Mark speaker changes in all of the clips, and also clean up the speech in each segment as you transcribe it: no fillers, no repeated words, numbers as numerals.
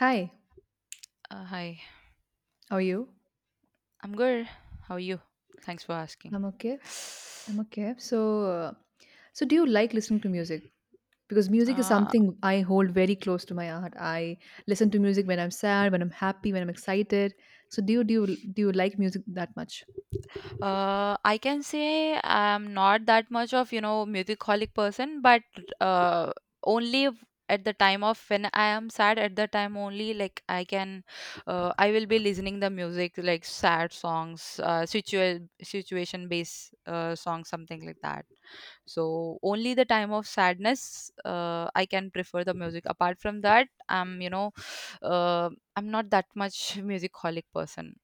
Speaker 1: Hi,
Speaker 2: Hi,
Speaker 1: how are you?
Speaker 2: I'm good. How are you? Thanks for asking.
Speaker 1: I'm okay. I'm okay. Uh, so do you like listening to music? Because music is
Speaker 2: Uh,
Speaker 1: something I hold very close to my heart. I listen to music when I'm sad, when I'm happy, when I'm excited. So, do you like music that much?
Speaker 2: I can say I'm not that much of, you know, musicaholic person, but uh, only v- at the time of when I am sad, at the time only, like I can, I will be listening the music like sad songs, situation based songs, something like that. So only the time of sadness, I can prefer the music. Apart from that, I'm, you know, uh, I'm not that much musicaholic person.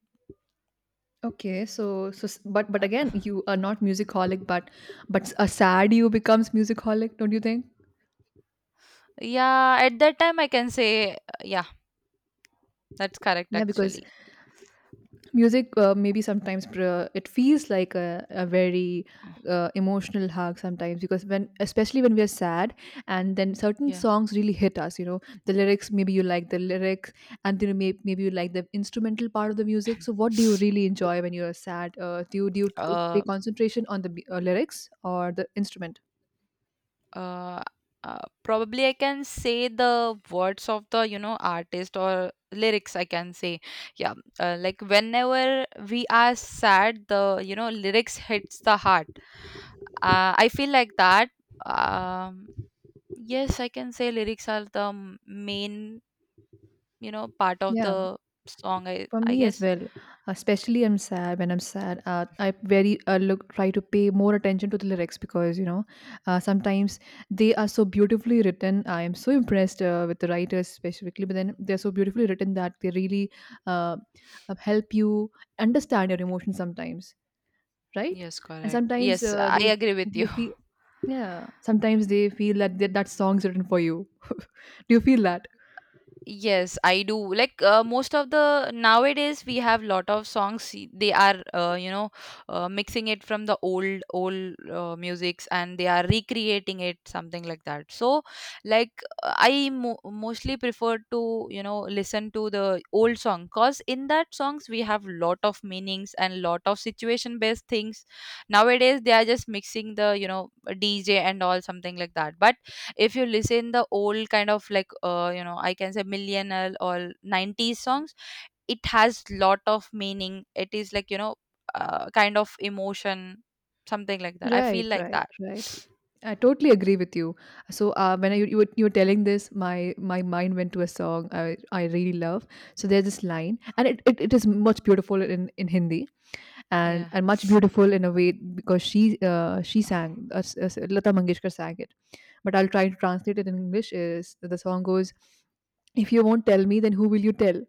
Speaker 1: Okay, but
Speaker 2: Uh,
Speaker 1: again, you are not musicaholic, but a sad you becomes musicaholic, don't you think?
Speaker 2: yeah, at that time I can say, yeah, that's correct
Speaker 1: Yeah, because
Speaker 2: actually.
Speaker 1: music maybe it feels like a very emotional hug sometimes because when especially when we are sad and then certain
Speaker 2: Yeah.
Speaker 1: songs really hit us, you know, the lyrics, maybe you like the lyrics, and then maybe you like the instrumental part of the music. So what do you really enjoy when you're sad? Do you pay
Speaker 2: Uh,
Speaker 1: concentration on the lyrics or the instrument?
Speaker 2: uh, uh, probably I can say the words of the, you know, artist or lyrics I can say, yeah, like whenever we are sad the, you know, lyrics hits the heart. I feel like that. um, yes, I can say lyrics are the main, you know, part of
Speaker 1: Yeah
Speaker 2: the song, I
Speaker 1: For
Speaker 2: I
Speaker 1: me as
Speaker 2: guess.
Speaker 1: well, especially I'm sad when I'm sad. I very look try to pay more attention to the lyrics because, you know, sometimes they are so beautifully written. I am so impressed with the writers specifically, but then they're so beautifully written that they really uh, help you understand your emotions sometimes, right?
Speaker 2: Yes,
Speaker 1: And
Speaker 2: correct.
Speaker 1: sometimes
Speaker 2: Yes, I
Speaker 1: they
Speaker 2: agree with
Speaker 1: they
Speaker 2: you.
Speaker 1: feel yeah. Sometimes they feel that that song's written for you. Do you feel that?
Speaker 2: Yes, I do. Like most of the nowadays, we have lot of songs. They are you know, mixing it from the old musics and they are recreating it, something like that. So, like mostly prefer to, you know, listen to the old song because in that songs we have lot of meanings and lot of situation based things. Nowadays they are just mixing the, you know, DJ and all, something like that. But if you listen the old kind of, like you know, I can say millennial or 90s songs, it has lot of meaning, it is like, you know, kind of emotion, something like that, I feel
Speaker 1: Right,
Speaker 2: like
Speaker 1: right,
Speaker 2: that.
Speaker 1: right. I totally agree with you. So when I, you were telling this, my mind went to a song I really love. So there's this line, and it is much beautiful in Hindi,
Speaker 2: Yeah,
Speaker 1: and much beautiful in a way because she sang Lata Mangeshkar sang it, but I'll try to translate it in English. Is the song goes, if you won't tell me, then who will you tell?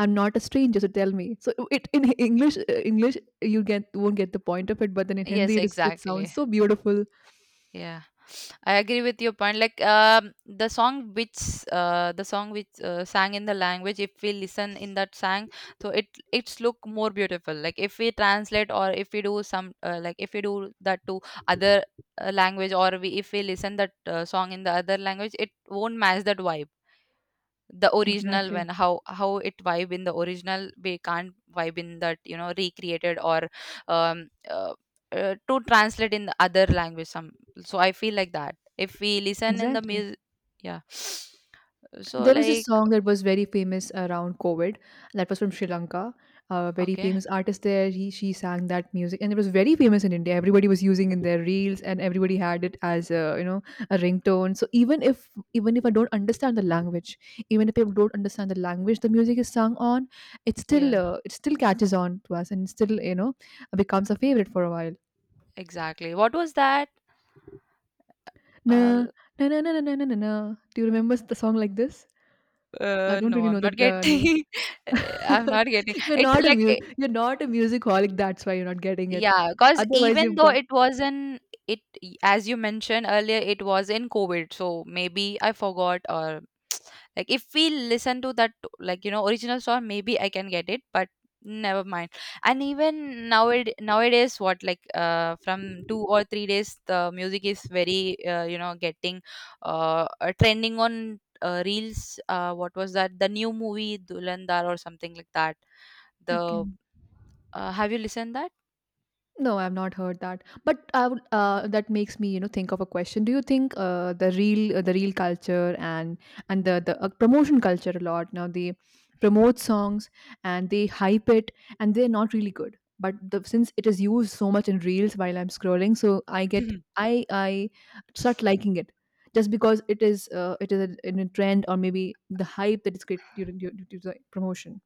Speaker 1: I'm not a stranger, so tell me. So it in English English you get won't get the point of it, but then in
Speaker 2: yes,
Speaker 1: Hindi it is it sounds
Speaker 2: exactly.
Speaker 1: so beautiful.
Speaker 2: Yeah, I agree with your point. Like the song which sang in the language, if we listen in that sang, so it's look more beautiful. Like if we translate, or if we do some like if we do that to other language, or we, if we listen that song in the other language, it won't match that vibe, the original,
Speaker 1: Exactly.
Speaker 2: when how it vibe in the original, we can't vibe in that, you know, recreated or um uh, to translate in the other language some, so I feel like that if we listen in the
Speaker 1: Exactly.
Speaker 2: music. Yeah. So,
Speaker 1: There was this
Speaker 2: like,
Speaker 1: song that was very famous around COVID. That was from Sri Lanka. A very
Speaker 2: okay,
Speaker 1: famous artist there. He she sang that music, and it was very famous in India. Everybody was using in their reels, and everybody had it as a, you know, a ringtone. So even if I don't understand the language, even if people don't understand the language, the music is sung on.
Speaker 2: yeah,
Speaker 1: It still catches on to us, and still, you know, becomes a favorite for a while.
Speaker 2: exactly, what was that? uh,
Speaker 1: Na na na na na na na. Na. Do you remember the song like this? I
Speaker 2: uh,
Speaker 1: don't
Speaker 2: no,
Speaker 1: really know
Speaker 2: I'm not
Speaker 1: that name.
Speaker 2: getting. I'm not getting
Speaker 1: You're
Speaker 2: it,
Speaker 1: not a
Speaker 2: like,
Speaker 1: mu you're not a music holic. That's why you're not getting it.
Speaker 2: yeah, because
Speaker 1: Otherwise,
Speaker 2: even
Speaker 1: you've
Speaker 2: though
Speaker 1: got
Speaker 2: it was in it, as you mentioned earlier, it was in COVID, so maybe I forgot or like if we listen to that, like, you know, original song, maybe I can get it, but never mind. And even nowadays, nowadays what like, uh, from 2 or 3 days, the music is very, you know, getting trending on reels. What was that? The new movie Dhulandar or something like that.
Speaker 1: okay.
Speaker 2: The have you listened that?
Speaker 1: No, I've not heard that. But I would, that makes me, you know, think of a question. Do you think the real culture and the promotion culture a lot, now they promote songs and they hype it and they're not really good. But the, since it is used so much in reels while I'm scrolling, so I get I start liking it just because it is in a trend, or maybe the hype that is created during the promotion.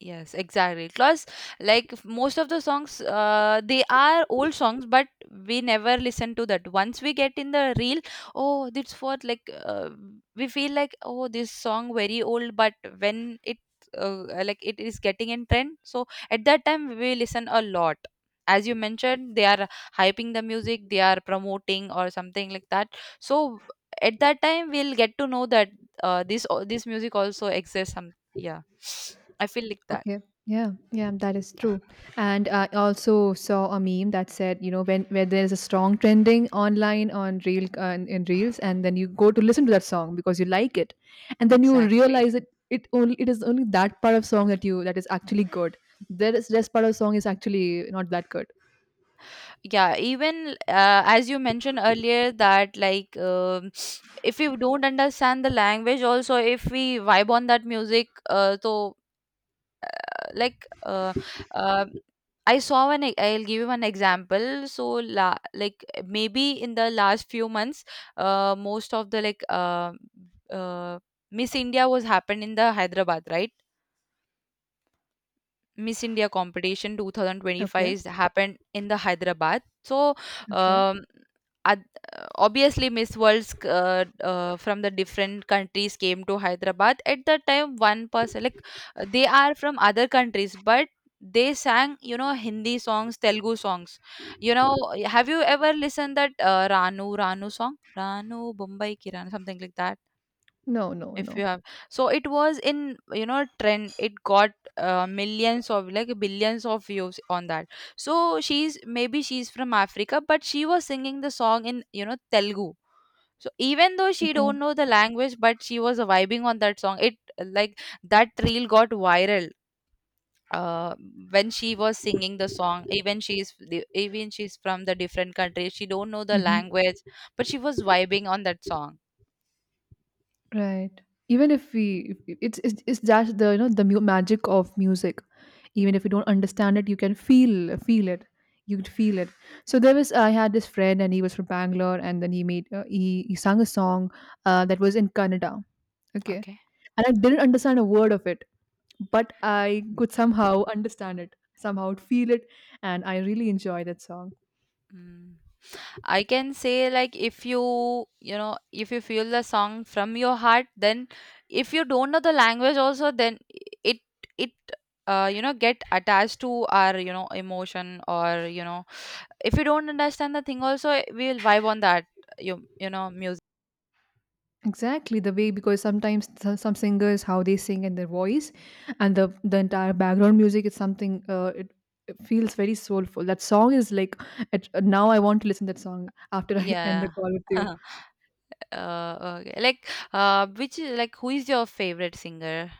Speaker 2: Yes, exactly. Plus, like most of the songs, they are old songs, but we never listen to that. Once we get in the reel, oh, this what like we feel like oh, this song very old, but when it, like, it is getting in trend, so at that time we listen a lot. As you mentioned, they are hyping the music, they are promoting or something like that. So at that time, we'll get to know that, this music also exists. Some, yeah. I feel like that.
Speaker 1: Okay. Yeah, yeah, that is true. And I also saw a meme that said, you know, when where there's a strong trending online on reel in reels, and then you go to listen to that song because you like it, and then you
Speaker 2: Exactly.
Speaker 1: realize that it is only that part of song that you that is actually good. There is rest part of song is actually not that good.
Speaker 2: Yeah, even as you mentioned earlier that, like, if you don't understand the language also, if we vibe on that music, so like uh, I saw one I'll give you one example. So like maybe in the last few months, most of the, like, uh, Miss India was happened in the Hyderabad, right? Miss India competition 2025
Speaker 1: Okay.
Speaker 2: is happened in the Hyderabad. So
Speaker 1: Okay.
Speaker 2: um, ad- obviously Miss Worlds from the different countries came to Hyderabad. At that time, one person, like, they are from other countries, but they sang, you know, Hindi songs, Telugu songs. You know, have you ever listened that Ranu song? Ranu Bombay Kiran, something like that,
Speaker 1: No, no,
Speaker 2: if
Speaker 1: no.
Speaker 2: you have. So it was in, you know, trend, it got millions of, like, billions of views on that. So she's, maybe she's from Africa, but she was singing the song in, you know, Telugu. So even though she
Speaker 1: Okay.
Speaker 2: don't know the language, but she was vibing on that song. It, like, that reel got viral. uh, when she was singing the song, even even she's from the different country, she don't know the
Speaker 1: Mhm.
Speaker 2: language, but she was vibing on that song.
Speaker 1: Right. Even if we, if- it's that the, you know, the magic of music. Even if you don't understand it, you can feel it. You could feel it. So there was I had this friend, and he was from Bangalore, and then he made he sang a song that was in Kannada. Okay,
Speaker 2: Okay.
Speaker 1: and I didn't understand a word of it, but I could somehow understand it, somehow feel it, and I really enjoy that song.
Speaker 2: Mm. I can say, like, if you, you know, if you feel the song from your heart, then if you don't know the language also, then it it you know, get attached to our, you know, emotion, or, you know, if you don't understand the thing also, we will vibe on that, you know, music.
Speaker 1: Exactly the way because sometimes some singers how they sing and their voice and the entire background music is something it feels very soulful. That song is like it, now I want to listen that song after I end the
Speaker 2: Yeah.
Speaker 1: call with you.
Speaker 2: uh, okay, like, uh, which is like, who is your favorite singer,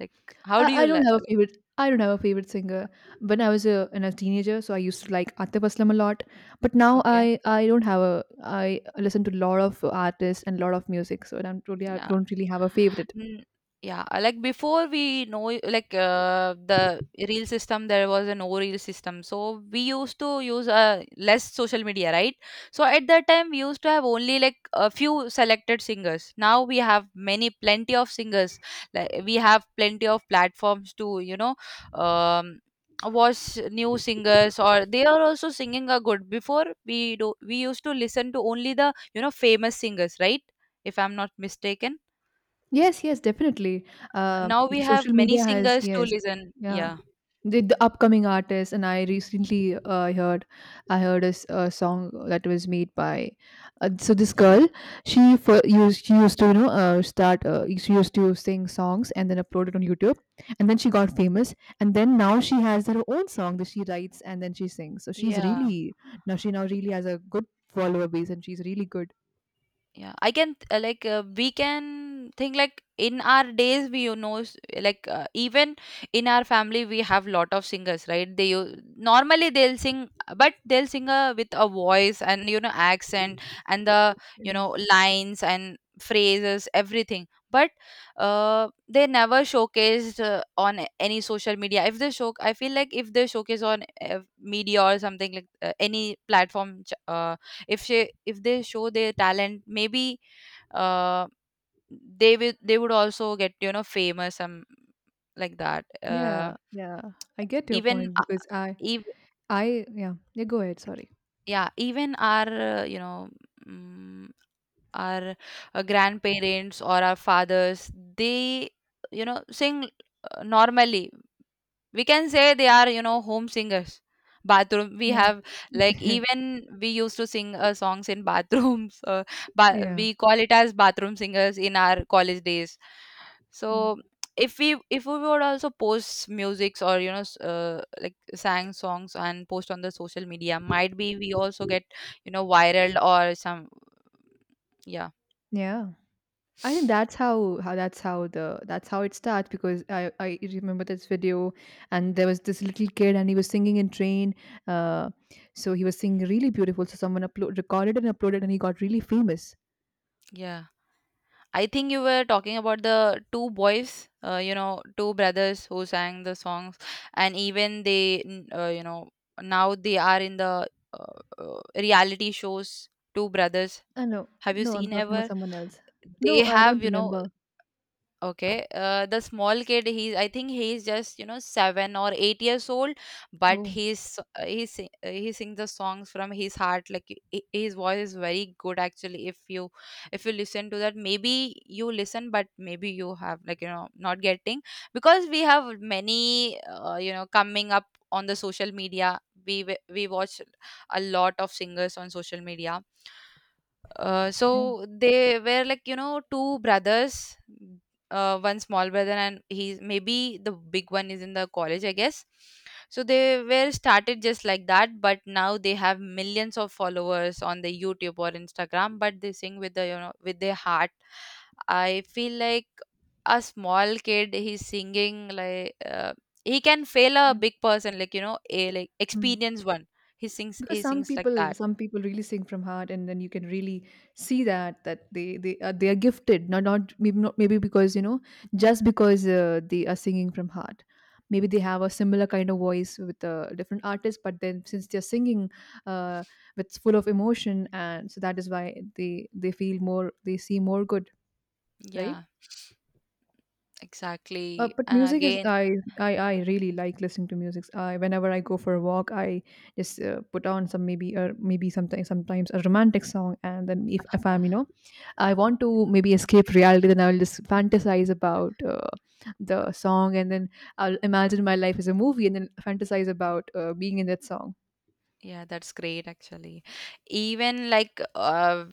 Speaker 2: like, how do
Speaker 1: I
Speaker 2: you
Speaker 1: don't
Speaker 2: like...
Speaker 1: have a favorite. I don't have a favorite singer. When I was a, when I was a teenager, so I used to like Atif Aslam a lot. But now
Speaker 2: okay,
Speaker 1: I don't have a I listen to a lot of artists and a lot of music. So I
Speaker 2: yeah.
Speaker 1: don't really have a favorite.
Speaker 2: Mm, yeah, like before we know, like the reel system, there was a no reel system. So we used to use less social media, right? So at that time, we used to have only like a few selected singers. Now we have many, plenty of singers. Like we have plenty of platforms to, you know, um, watch new singers, or they are also singing a good. Before we do, we used to listen to only the, you know, famous singers, right? If I'm not mistaken.
Speaker 1: Yes, yes, definitely. Uh,
Speaker 2: Now we
Speaker 1: social
Speaker 2: have many
Speaker 1: media has
Speaker 2: singers to
Speaker 1: yes,
Speaker 2: listen.
Speaker 1: yeah.
Speaker 2: Yeah.
Speaker 1: The upcoming artists, and I recently I heard a song that was made by, so this girl, she used to, you know, start she used to sing songs and then upload it on YouTube, and then she got famous, and then now she has her own song that she writes and then she sings. So she's
Speaker 2: Yeah.
Speaker 1: really now she now really has a good follower base, and she's really good.
Speaker 2: Yeah, I can, like, we can think, like, in our days we, you know, like, even in our family we have lot of singers, right? Normally they'll sing, but they'll sing with a voice and, you know, accent, and the, you
Speaker 1: Yeah,
Speaker 2: know, lines and phrases, everything. But they never showcased on any social media. If they show, I feel like, if they showcase on media or something, like any platform, if she if they show their talent, maybe uh, they would also get, you know, famous some, like that.
Speaker 1: yeah. Yeah. I get your
Speaker 2: Even
Speaker 1: point
Speaker 2: uh,
Speaker 1: because
Speaker 2: ev-
Speaker 1: I yeah, yeah, go ahead, sorry.
Speaker 2: yeah, even our, you know, mm, our, grandparents or our fathers, they, you know, sing, normally, we can say they are, you know, home singers. Bathroom we
Speaker 1: Yeah.
Speaker 2: have, like, even we used to sing songs in bathrooms.
Speaker 1: Yeah.
Speaker 2: We call it as bathroom singers in our college days.
Speaker 1: Yeah.
Speaker 2: So, if we would also post musics, or, you know, like, sang songs and post on the social media, might be we also get, you know, viral or some, yeah.
Speaker 1: Yeah. I think that's how that's how the that's how it starts because I remember this video and there was this little kid and he was singing in train uh so he was singing really beautiful, so someone upload recorded and uploaded and he got really famous.
Speaker 2: Yeah. I think you were talking about the two boys, you know, two brothers who sang the songs, and even they, you know, now they are in the reality shows. Two brothers,
Speaker 1: I know
Speaker 2: have you
Speaker 1: no, I'm
Speaker 2: seen
Speaker 1: talking about
Speaker 2: ever?
Speaker 1: someone else.
Speaker 2: They
Speaker 1: No, I
Speaker 2: have,
Speaker 1: don't
Speaker 2: you know...
Speaker 1: remember.
Speaker 2: Okay, the small kid, he's I think he's just, you know, 7 or 8 years old. But
Speaker 1: Oh,
Speaker 2: he's he sings the songs from his heart. Like his voice is very good actually. If you, if you listen to that, maybe you listen, but maybe you have, like, you know, not getting, because we have many, you know, coming up on the social media. We watch a lot of singers on social media.
Speaker 1: yeah,
Speaker 2: So they were, like, you know, two brothers, one small brother, and he's, maybe the big one is in the college, I guess. So they were started just like that, but now they have millions of followers on the YouTube or Instagram. But they sing with the, you know, with their heart, I feel like. A small kid, he's singing like, he can fail a
Speaker 1: yeah.
Speaker 2: big person, like, you know, a, like,
Speaker 1: Mm.
Speaker 2: experienced one. he sings
Speaker 1: Because
Speaker 2: he
Speaker 1: some
Speaker 2: sings like
Speaker 1: people,
Speaker 2: that.
Speaker 1: some people really sing from heart and then you can really see that they are they are gifted not not maybe because, you know, just because they are singing from heart, maybe they have a similar kind of voice with a different artist, but then since they're singing uh with full of emotion, and so that is why they feel more, they see more good, right?
Speaker 2: Yeah. Exactly.
Speaker 1: But
Speaker 2: And
Speaker 1: music is
Speaker 2: again...
Speaker 1: I really like listening to music. I whenever I go for a walk, I just put on some maybe, or maybe sometimes a romantic song, and then if I'm, you know, I want to maybe escape reality, then I'll just fantasize about the song, and then I'll imagine my life as a movie, and then fantasize about being in that song.
Speaker 2: yeah, that's great actually. Even, like, uh,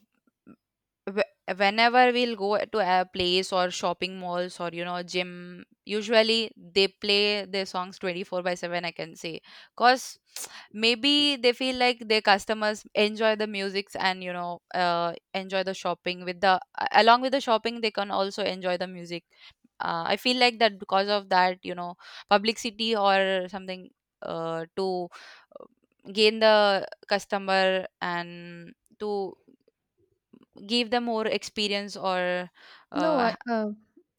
Speaker 2: wh- whenever we'll go to a place or shopping malls or you know gym, usually they play their songs 24 by 7, I can say. Cause maybe they feel like their customers enjoy the musics, and you know, enjoy the shopping with the along with the shopping they can also enjoy the music. I feel like that, because of that you know, publicity or something, to uh, gain the customer and to give them more experience or
Speaker 1: No, I
Speaker 2: uh,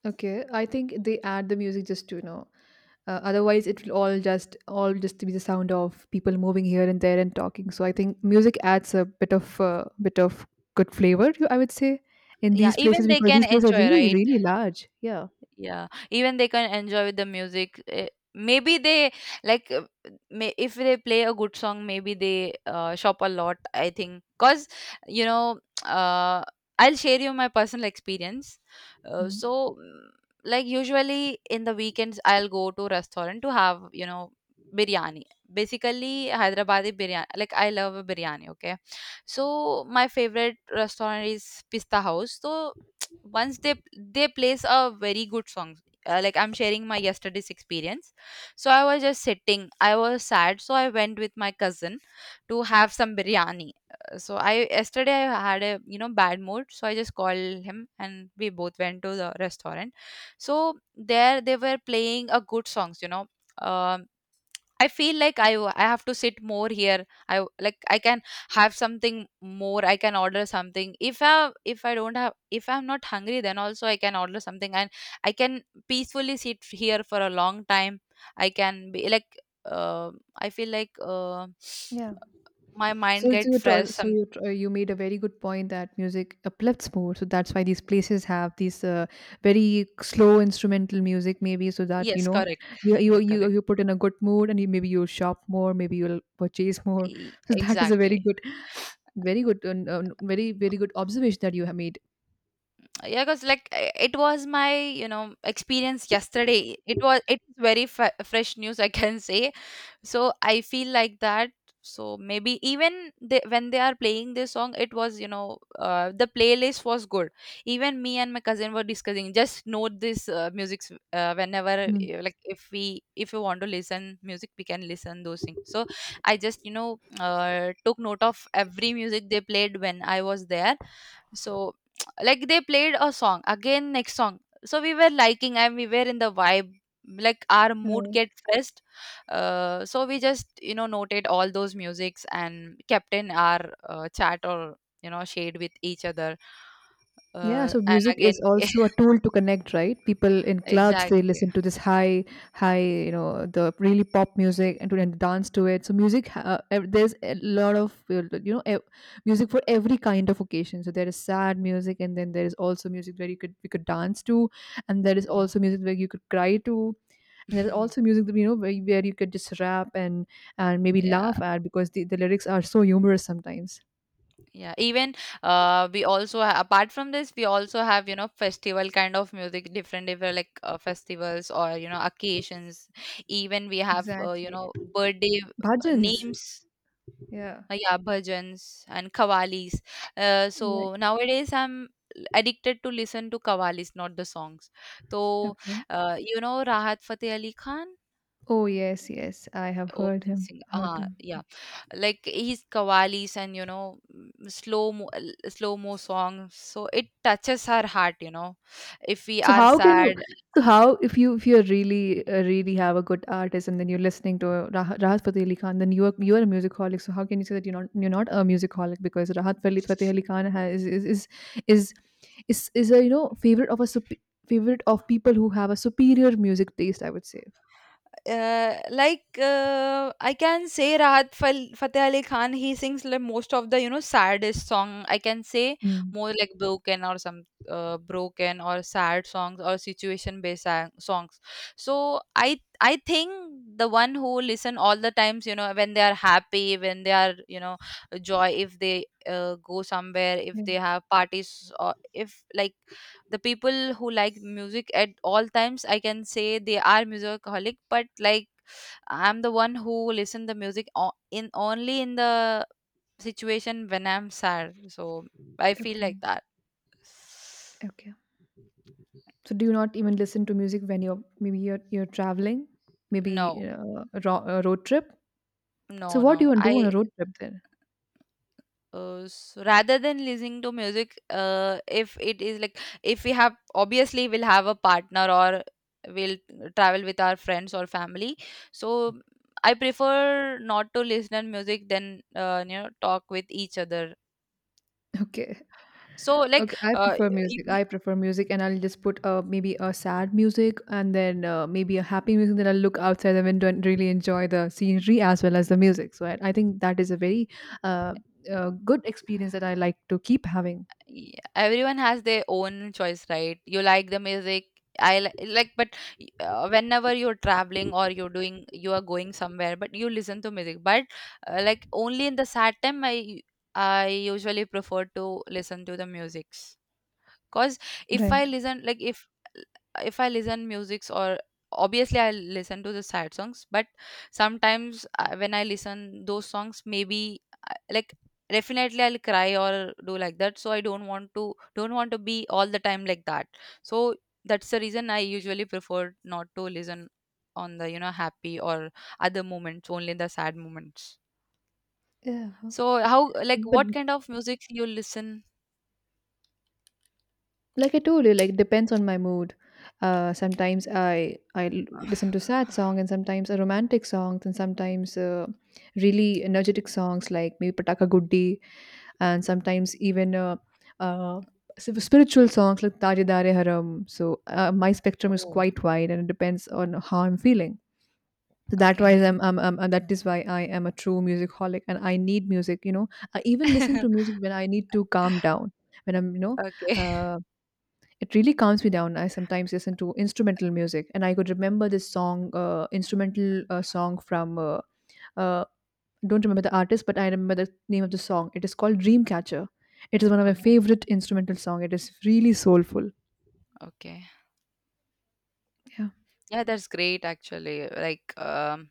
Speaker 1: okay. I think they add the music just to, you know. Otherwise, it will all just be the sound of people moving here and there and talking. So I think music adds a bit of good flavor. I would say in
Speaker 2: yeah,
Speaker 1: these places
Speaker 2: even they
Speaker 1: because
Speaker 2: can
Speaker 1: these places are
Speaker 2: enjoy,
Speaker 1: really
Speaker 2: right?
Speaker 1: really large. Yeah.
Speaker 2: Yeah, even they can enjoy with the music. Maybe they like, if they play a good song, maybe they shop a lot. I think because, you know, uh, I'll share you my personal experience.
Speaker 1: Mm.
Speaker 2: So, like usually in the weekends, I'll go to restaurant to have you know biryani. Basically, Hyderabadi biryani. Like I love biryani. Okay, so my favorite restaurant is Pista House. So once they plays a very good song. Like, I'm sharing my yesterday's experience. So I was just sitting, I was sad, so I went with my cousin to have some biryani. So I yesterday I had a you know bad mood, so I just called him and we both went to the restaurant. So there they were playing a good songs, you know. Um I feel like I have to sit more here. Like, I can have something more. I can order something. If I don't have, if I'm not hungry, then also I can order something, and I can peacefully sit here for a long time. I can be like, uh, I feel like,
Speaker 1: Yeah.
Speaker 2: my mind
Speaker 1: So
Speaker 2: get
Speaker 1: you
Speaker 2: fresh.
Speaker 1: told, so
Speaker 2: Some...
Speaker 1: you made a very good point that music uplifts more. So that's why these places have these very slow instrumental music, maybe, so that, you
Speaker 2: yes,
Speaker 1: know,
Speaker 2: correct. Yeah, correct.
Speaker 1: you put in a good mood, and you, maybe you'll shop more, maybe you'll purchase more. So that is a very
Speaker 2: Exactly.
Speaker 1: good, very good, very very good observation that you have made.
Speaker 2: Yeah, because like it was my you know experience yesterday. It's very f fresh news, I can say. So I feel like that. So maybe even they, when they are playing this song, it was, you know, the playlist was good. Even me and my cousin were discussing, just note this music, whenever,
Speaker 1: Mm.
Speaker 2: like if you want to listen music, we can listen those things. So I just, you know, took note of every music they played when I was there. So like they played a song, again next song. So we were liking, and we were in the vibe, like our mood
Speaker 1: Right.
Speaker 2: get fresh. So we just, you know, noted all those musics, and kept in our chat, or you know shared with each other.
Speaker 1: Yeah, so
Speaker 2: And
Speaker 1: music
Speaker 2: again
Speaker 1: is also a tool to connect, right? People in clubs they
Speaker 2: exactly.
Speaker 1: listen to this high, you know, the really pop music and to then dance to it. So music, there's a lot of, you know, music for every kind of occasion. So there is sad music, and then there is also music where you could we could dance to, and there is
Speaker 2: Yeah.
Speaker 1: also music where you could cry to, and there is also music that, you know, where, where you could just rap and maybe
Speaker 2: Yeah,
Speaker 1: laugh at because the lyrics are so humorous sometimes.
Speaker 2: yeah, even we also apart from this, we also have you know festival kind of music, different different, like festivals, or you know occasions. Even we have, you
Speaker 1: Exactly,
Speaker 2: know, birthday
Speaker 1: bhajans.
Speaker 2: names.
Speaker 1: Yeah.
Speaker 2: Yeah, bhajans and kavalis.
Speaker 1: Like
Speaker 2: So nowadays I'm addicted to listen to kavalis, not the songs. So,
Speaker 1: okay.
Speaker 2: you know, Rahat Fateh Ali Khan.
Speaker 1: Oh yes, yes, I have heard
Speaker 2: Arijit
Speaker 1: him,
Speaker 2: Singh.
Speaker 1: heard him.
Speaker 2: Yeah, like his kavali's, and you know, slow mo songs. So it touches our heart, you know. If we
Speaker 1: So
Speaker 2: are
Speaker 1: how can you?
Speaker 2: sad,
Speaker 1: So how if you, if you really really have a good artist and then you're listening to Rahat Fateh Ali Khan, then you are a musicaholic. So how can you say that you're not, you're not a musicaholic, because Fateh Ali Khan has, is is a, you know, favorite of a favorite of people who have a superior music taste. I would say.
Speaker 2: like I can say Rahat Fateh Ali Khan, he sings like most of the you know saddest song. I can say,
Speaker 1: Mm.
Speaker 2: more like broken, or some broken or sad songs, or situation based songs. So I think the one who listen all the times, you know, when they are happy, when they are, you know, joy, if they go somewhere, if
Speaker 1: Yeah.
Speaker 2: they have parties, or if like, the people who like music at all times, I can say they are musicaholic. But like, I'm the one who listen the music in only in the situation when I'm sad, so I feel
Speaker 1: Okay.
Speaker 2: like that.
Speaker 1: Okay. So do you not even listen to music when you're maybe you're traveling, maybe
Speaker 2: No,
Speaker 1: a road trip? So
Speaker 2: no,
Speaker 1: what do
Speaker 2: no,
Speaker 1: you do on a
Speaker 2: I...
Speaker 1: road trip then?
Speaker 2: So rather than listening to music, if it is like, if we have, obviously we'll have a partner, or we'll travel with our friends or family. So I prefer not to listen to music than, you know, talk with each other.
Speaker 1: Okay.
Speaker 2: So, like,
Speaker 1: Okay, I prefer music. I prefer music, and I'll just put maybe a sad music and then maybe a happy music. Then I'll look outside the window and really enjoy the scenery as well as the music. So I think that is a very uh, good experience that I like to keep having.
Speaker 2: Yeah, everyone has their own choice, right? You like the music, I li like, but whenever you're traveling, or you're doing, you are going somewhere, but you listen to music. But like, only in the sad time, I usually prefer to listen to the musics. Cause if I
Speaker 1: Right.
Speaker 2: listen, like, if I listen musics, or obviously I listen to the sad songs, but sometimes, when I listen those songs, maybe like definitely I'll cry or do like that. So I don't want to be all the time like that. So that's the reason I usually prefer not to listen on the you know happy or other moments, only the sad moments.
Speaker 1: Yeah.
Speaker 2: So how, like,
Speaker 1: But
Speaker 2: what kind of music you listen?
Speaker 1: like I told you, like, depends on my mood. Sometimes I listen to sad song, and sometimes a romantic songs, and sometimes really energetic songs like maybe pataka guddi, and sometimes even uh spiritual songs like Taje Dare haram. So my spectrum is
Speaker 2: Oh,
Speaker 1: quite wide, and it depends on how I'm feeling. So that why
Speaker 2: okay.
Speaker 1: I'm and that is why I am a true music holic and I need music. You know, I even listen to music when I need to calm down, when I'm
Speaker 2: Okay.
Speaker 1: uh, it really calms me down. I sometimes listen to instrumental music, and I could remember this song, instrumental song from uh, don't remember the artist, but I remember the name of the song. It is called Dreamcatcher. It is one of my
Speaker 2: Okay,
Speaker 1: favorite instrumental song. It is really soulful.
Speaker 2: okay.
Speaker 1: Yeah.
Speaker 2: Yeah, that's great actually. Like,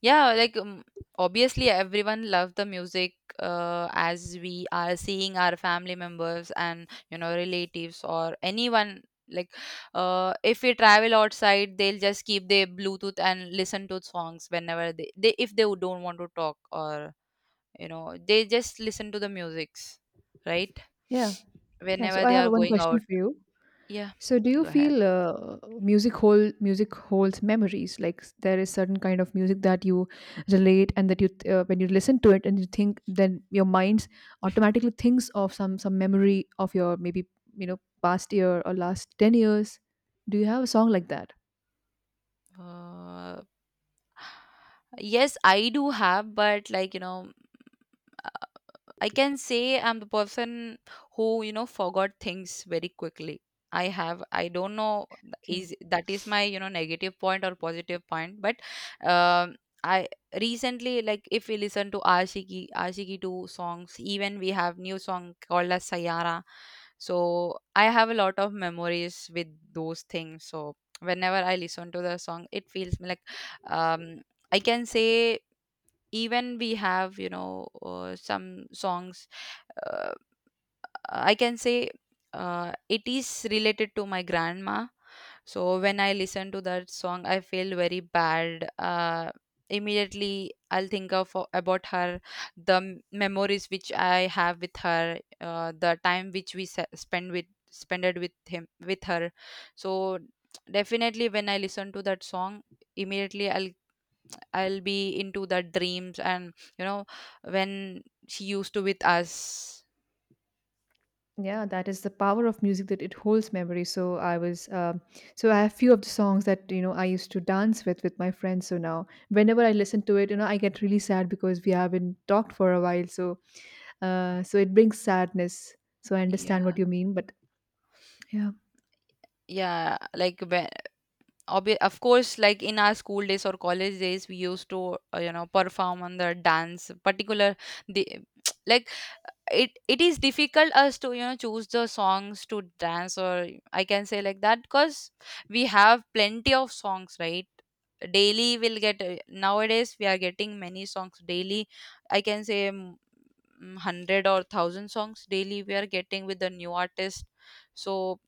Speaker 2: yeah, like, obviously everyone love the music, as we are seeing our family members and, you know, relatives or anyone. Like, if we travel outside, they'll just keep their Bluetooth and listen to songs whenever they, if they would don't want to talk, or you know they just listen to the musics, right?
Speaker 1: Yeah. Yeah. So
Speaker 2: Whenever
Speaker 1: I
Speaker 2: they
Speaker 1: have
Speaker 2: are
Speaker 1: one
Speaker 2: going
Speaker 1: question
Speaker 2: out.
Speaker 1: for you.
Speaker 2: Yeah,
Speaker 1: So, do you
Speaker 2: go ahead.
Speaker 1: feel music holds memories? Like, there is certain kind of music that you relate, and that when you listen to it and you think, then your mind automatically thinks of some memory of your maybe you know past year or last 10 years. Do you have a song like that?
Speaker 2: Uh, Yes, I do have, but like, you know, I can say I'm the person who, you know, forgot things very quickly. I have, I don't know,
Speaker 1: Okay.
Speaker 2: is that is my, you know, negative point or positive point, but um, I recently, like, if we listen to Ashiki, Ashiki 2 songs, even we have new song called as Sayara. So I have a lot of memories with those things. So whenever I listen to the song, it feels me like, um, I can say, even we have you know some songs, uh, I can say, it is related to my grandma. So when I listen to that song, I feel very bad. Immediately, I'll think of, about her, the memories which I have with her, the time which we spended with him, with her. So definitely when I listen to that song, immediately I'll be into the dreams, and, you know, when she used to with us.
Speaker 1: Yeah, that is the power of music, that it holds memory. So I was, so I have few of the songs that you know I used to dance with my friends. So now whenever I listen to it, you know I get really sad because we haven't talked for a while. So so it brings sadness. So I understand what
Speaker 2: Yeah.
Speaker 1: you mean, but yeah.
Speaker 2: Yeah, like when, of course, like in our school days or college days, we used to, you know, perform on the dance particular, the like, it is difficult us to, you know, choose the songs to dance, or I can say like that, because we have plenty of songs, right? Daily we'll get, nowadays we are getting many songs daily, I can say. Hundred or thousand songs daily we are getting with the new artist. So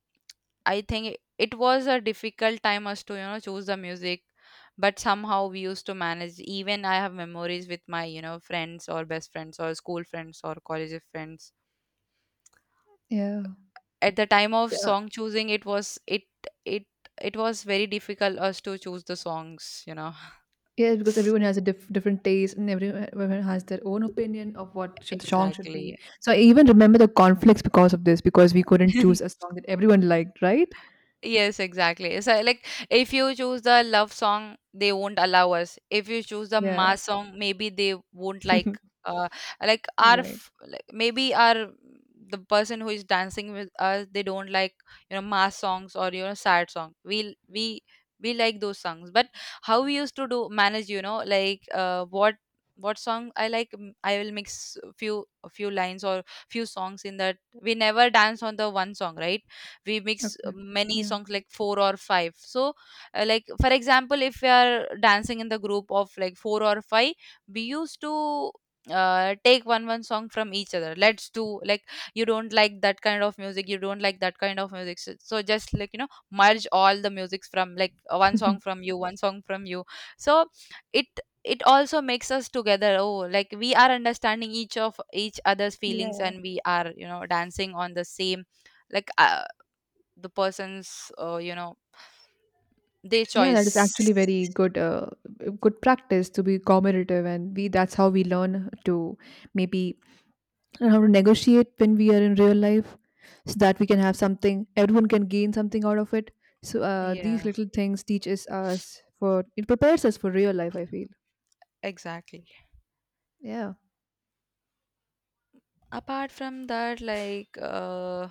Speaker 2: I think it was a difficult time us to, you know, choose the music. But somehow we used to manage. Even I have memories with my, you know, friends, or best friends, or school friends, or college friends,
Speaker 1: Yeah.
Speaker 2: at the time of
Speaker 1: Yeah,
Speaker 2: song choosing. It was it it it was very difficult us to choose the songs, you know.
Speaker 1: yeah, because everyone has a different taste, and everyone has their own opinion of what should the song should be.
Speaker 2: Exactly.
Speaker 1: So I even remember the conflicts because of this, because we couldn't choose a song that everyone liked, right?
Speaker 2: Yes, exactly. So, like, if you choose the love song, they won't allow us. If you choose the
Speaker 1: Yeah.
Speaker 2: mass song, maybe they won't like. Like our,
Speaker 1: Right.
Speaker 2: like maybe our, the person who is dancing with us, they don't like, you know, mass songs, or you know, sad song. We like those songs, but how we used to do manage, you know, like, what song I like, I will mix few a few lines, or few songs in that. We never dance on the one song, right? We mix
Speaker 1: Okay.
Speaker 2: many
Speaker 1: Yeah.
Speaker 2: songs like four or five, so like, for example, if we are dancing in the group of like four or five, we used to, take one song from each other, let's do, like, you don't like that kind of music, you don't like that kind of music, so just like, you know, merge all the musics from, like, one song from you, one song from you. So it it also makes us together, oh, like we are understanding each of each other's feelings,
Speaker 1: Yeah.
Speaker 2: and we are, you know, dancing on the same, like the person's, you know, their
Speaker 1: Yeah, that is
Speaker 2: choice.
Speaker 1: actually very good, good practice to be cooperative, and we that's how we learn to maybe learn how to negotiate when we are in real life, so that we can have something, everyone can gain something out of it. So these
Speaker 2: Yeah,
Speaker 1: little things teaches us for it prepares us for real life, I feel.
Speaker 2: exactly.
Speaker 1: Yeah.
Speaker 2: Apart from that, like,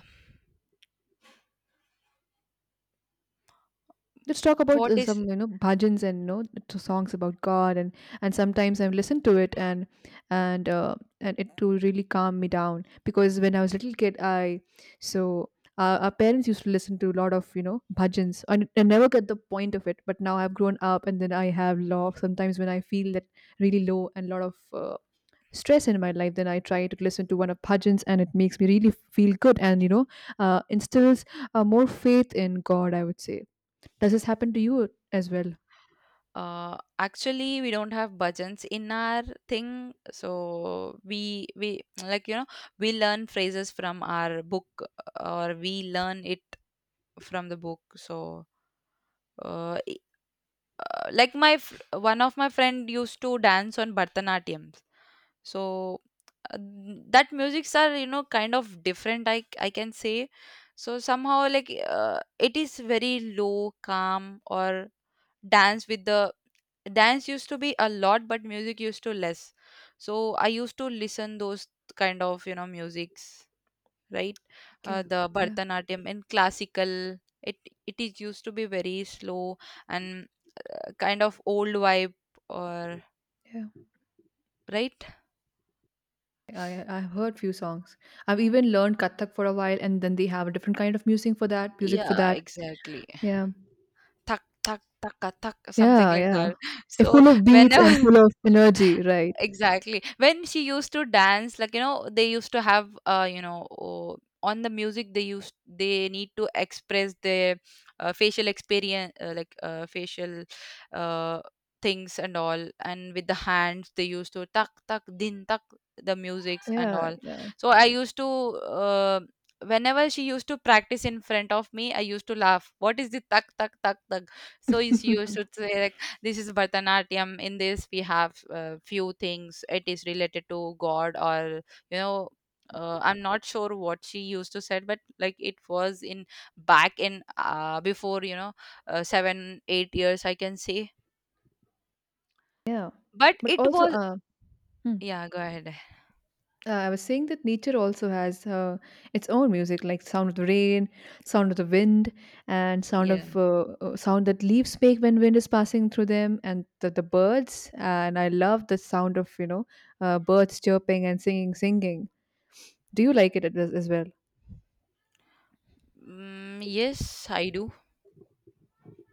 Speaker 1: Let's talk about
Speaker 2: what is,
Speaker 1: some, you know, bhajans and you know songs about God. And sometimes I've listened to it, and and uh, and it to really calm me down, because when I was a little kid I so our parents used to listen to a lot of you know bhajans, and I never got the point of it, but now I've grown up, and then I have lot sometimes when I feel that really low and lot of uh, stress in my life, then I try to listen to one of bhajans, and it makes me really feel good, and you know instills more faith in God, I would say. Does this happen to you as well?
Speaker 2: actually we don't have bhajans in our thing, so we like, you know, we learn phrases from our book, or we learn it from the book. So uh, i- like, my one of my friend used to dance on bharatanatyam. So uh, that musics are, you know, kind of different, I can say. So somehow, like, it is very low, calm, or dance with the, dance used to be a lot but music used to less. So I used to listen those kind of, you know, musics, right?
Speaker 1: Yeah,
Speaker 2: The
Speaker 1: yeah,
Speaker 2: bharatanatyam and classical, it it is used to be very slow, and, kind of old vibe, or,
Speaker 1: yeah.
Speaker 2: right,
Speaker 1: I, I've heard few songs. I've even learned Kathak for a while, and then they have a different kind of music for that. Music for
Speaker 2: yeah,
Speaker 1: that.
Speaker 2: exactly.
Speaker 1: Yeah,
Speaker 2: "Tak tak taka tak," something
Speaker 1: yeah,
Speaker 2: like
Speaker 1: yeah.
Speaker 2: that.
Speaker 1: It's
Speaker 2: So
Speaker 1: full of beats and
Speaker 2: whenever...
Speaker 1: full of energy, right?
Speaker 2: Exactly. When she used to dance, like, you know, they used to have, you know, oh, on the music, they need to express their, facial experience, like, facial, uh, things and all. And with the hands, they used to tak tak din tak, the musics and
Speaker 1: Yeah,
Speaker 2: all.
Speaker 1: yeah.
Speaker 2: So I used to. Uh, Whenever she used to practice in front of me, I used to laugh. What is the tak tak tak tak? So she used to say, like, this is Bharatanatyam. In this, we have, few things. It is related to God, or you know, I'm not sure what she used to said, but like it was in, back in, before, you know, 7-8 years, I can say.
Speaker 1: Yeah,
Speaker 2: But
Speaker 1: but
Speaker 2: it
Speaker 1: also,
Speaker 2: was...
Speaker 1: hmm.
Speaker 2: Yeah, go ahead.
Speaker 1: I was saying that nature also has its own music, like sound of the rain, sound of the wind, and sound of
Speaker 2: Yeah.
Speaker 1: sound that leaves make when wind is passing through them, and the birds. And I love the sound of you know birds chirping and singing. Do you like it as well?
Speaker 2: Mm, yes, I do.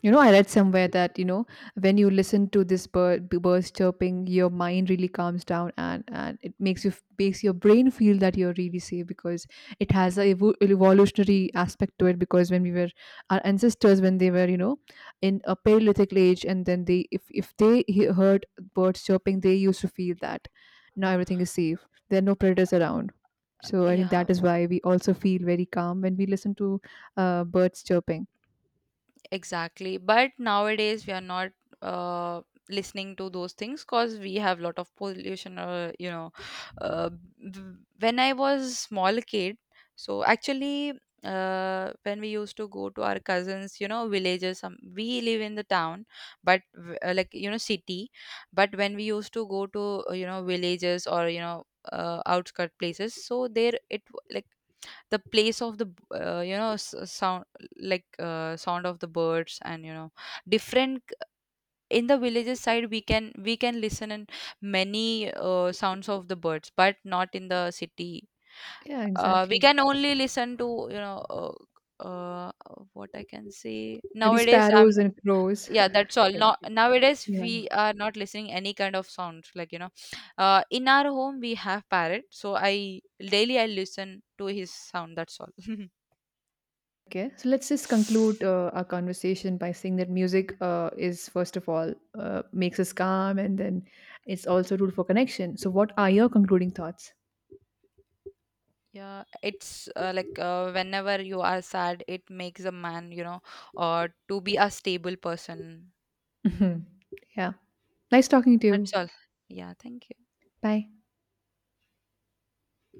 Speaker 1: You know, I read somewhere that, you know, when you listen to this birds chirping, your mind really calms down, and it makes you makes your brain feel that you're really safe, because it has a evolutionary aspect to it, because when we were our ancestors when they were, you know, in a Paleolithic age, and then they if they heard birds chirping, they used to feel that now everything is safe. There are no predators around. So I think
Speaker 2: Yeah.
Speaker 1: that is why we also feel very calm when we listen to birds chirping.
Speaker 2: Exactly. But nowadays we are not, uh, listening to those things, because we have lot of pollution. You know, uh, when I was small kid, so actually, when we used to go to our cousins, you know, villages. Some we live in the town, but like, you know, city. But when we used to go to, you know, villages, or you know, outskirt places, so there it like, the place of the, you know, sound, like, sound of the birds, and, you know, different, in the villages side we can listen in many, sounds of the birds, but not in the city.
Speaker 1: Yeah,
Speaker 2: We
Speaker 1: exactly.
Speaker 2: can only listen to, you know, uh, what I can say
Speaker 1: Maybe
Speaker 2: nowadays,
Speaker 1: sparrows and crows.
Speaker 2: yeah, that's all.
Speaker 1: Yeah.
Speaker 2: Not nowadays,
Speaker 1: Yeah.
Speaker 2: we are not listening any kind of sound, like, you know, in our home we have parrot, so I daily I listen to his sound, that's all.
Speaker 1: Okay. So let's just conclude our conversation by saying that music is, first of all, makes us calm, and then it's also a tool for connection. So, what are your concluding thoughts?
Speaker 2: Yeah, it's, like, whenever you are sad, it makes a man, you know, or to be a stable person.
Speaker 1: Yeah. Nice talking to you.
Speaker 2: That's all. Yeah, thank you.
Speaker 1: Bye.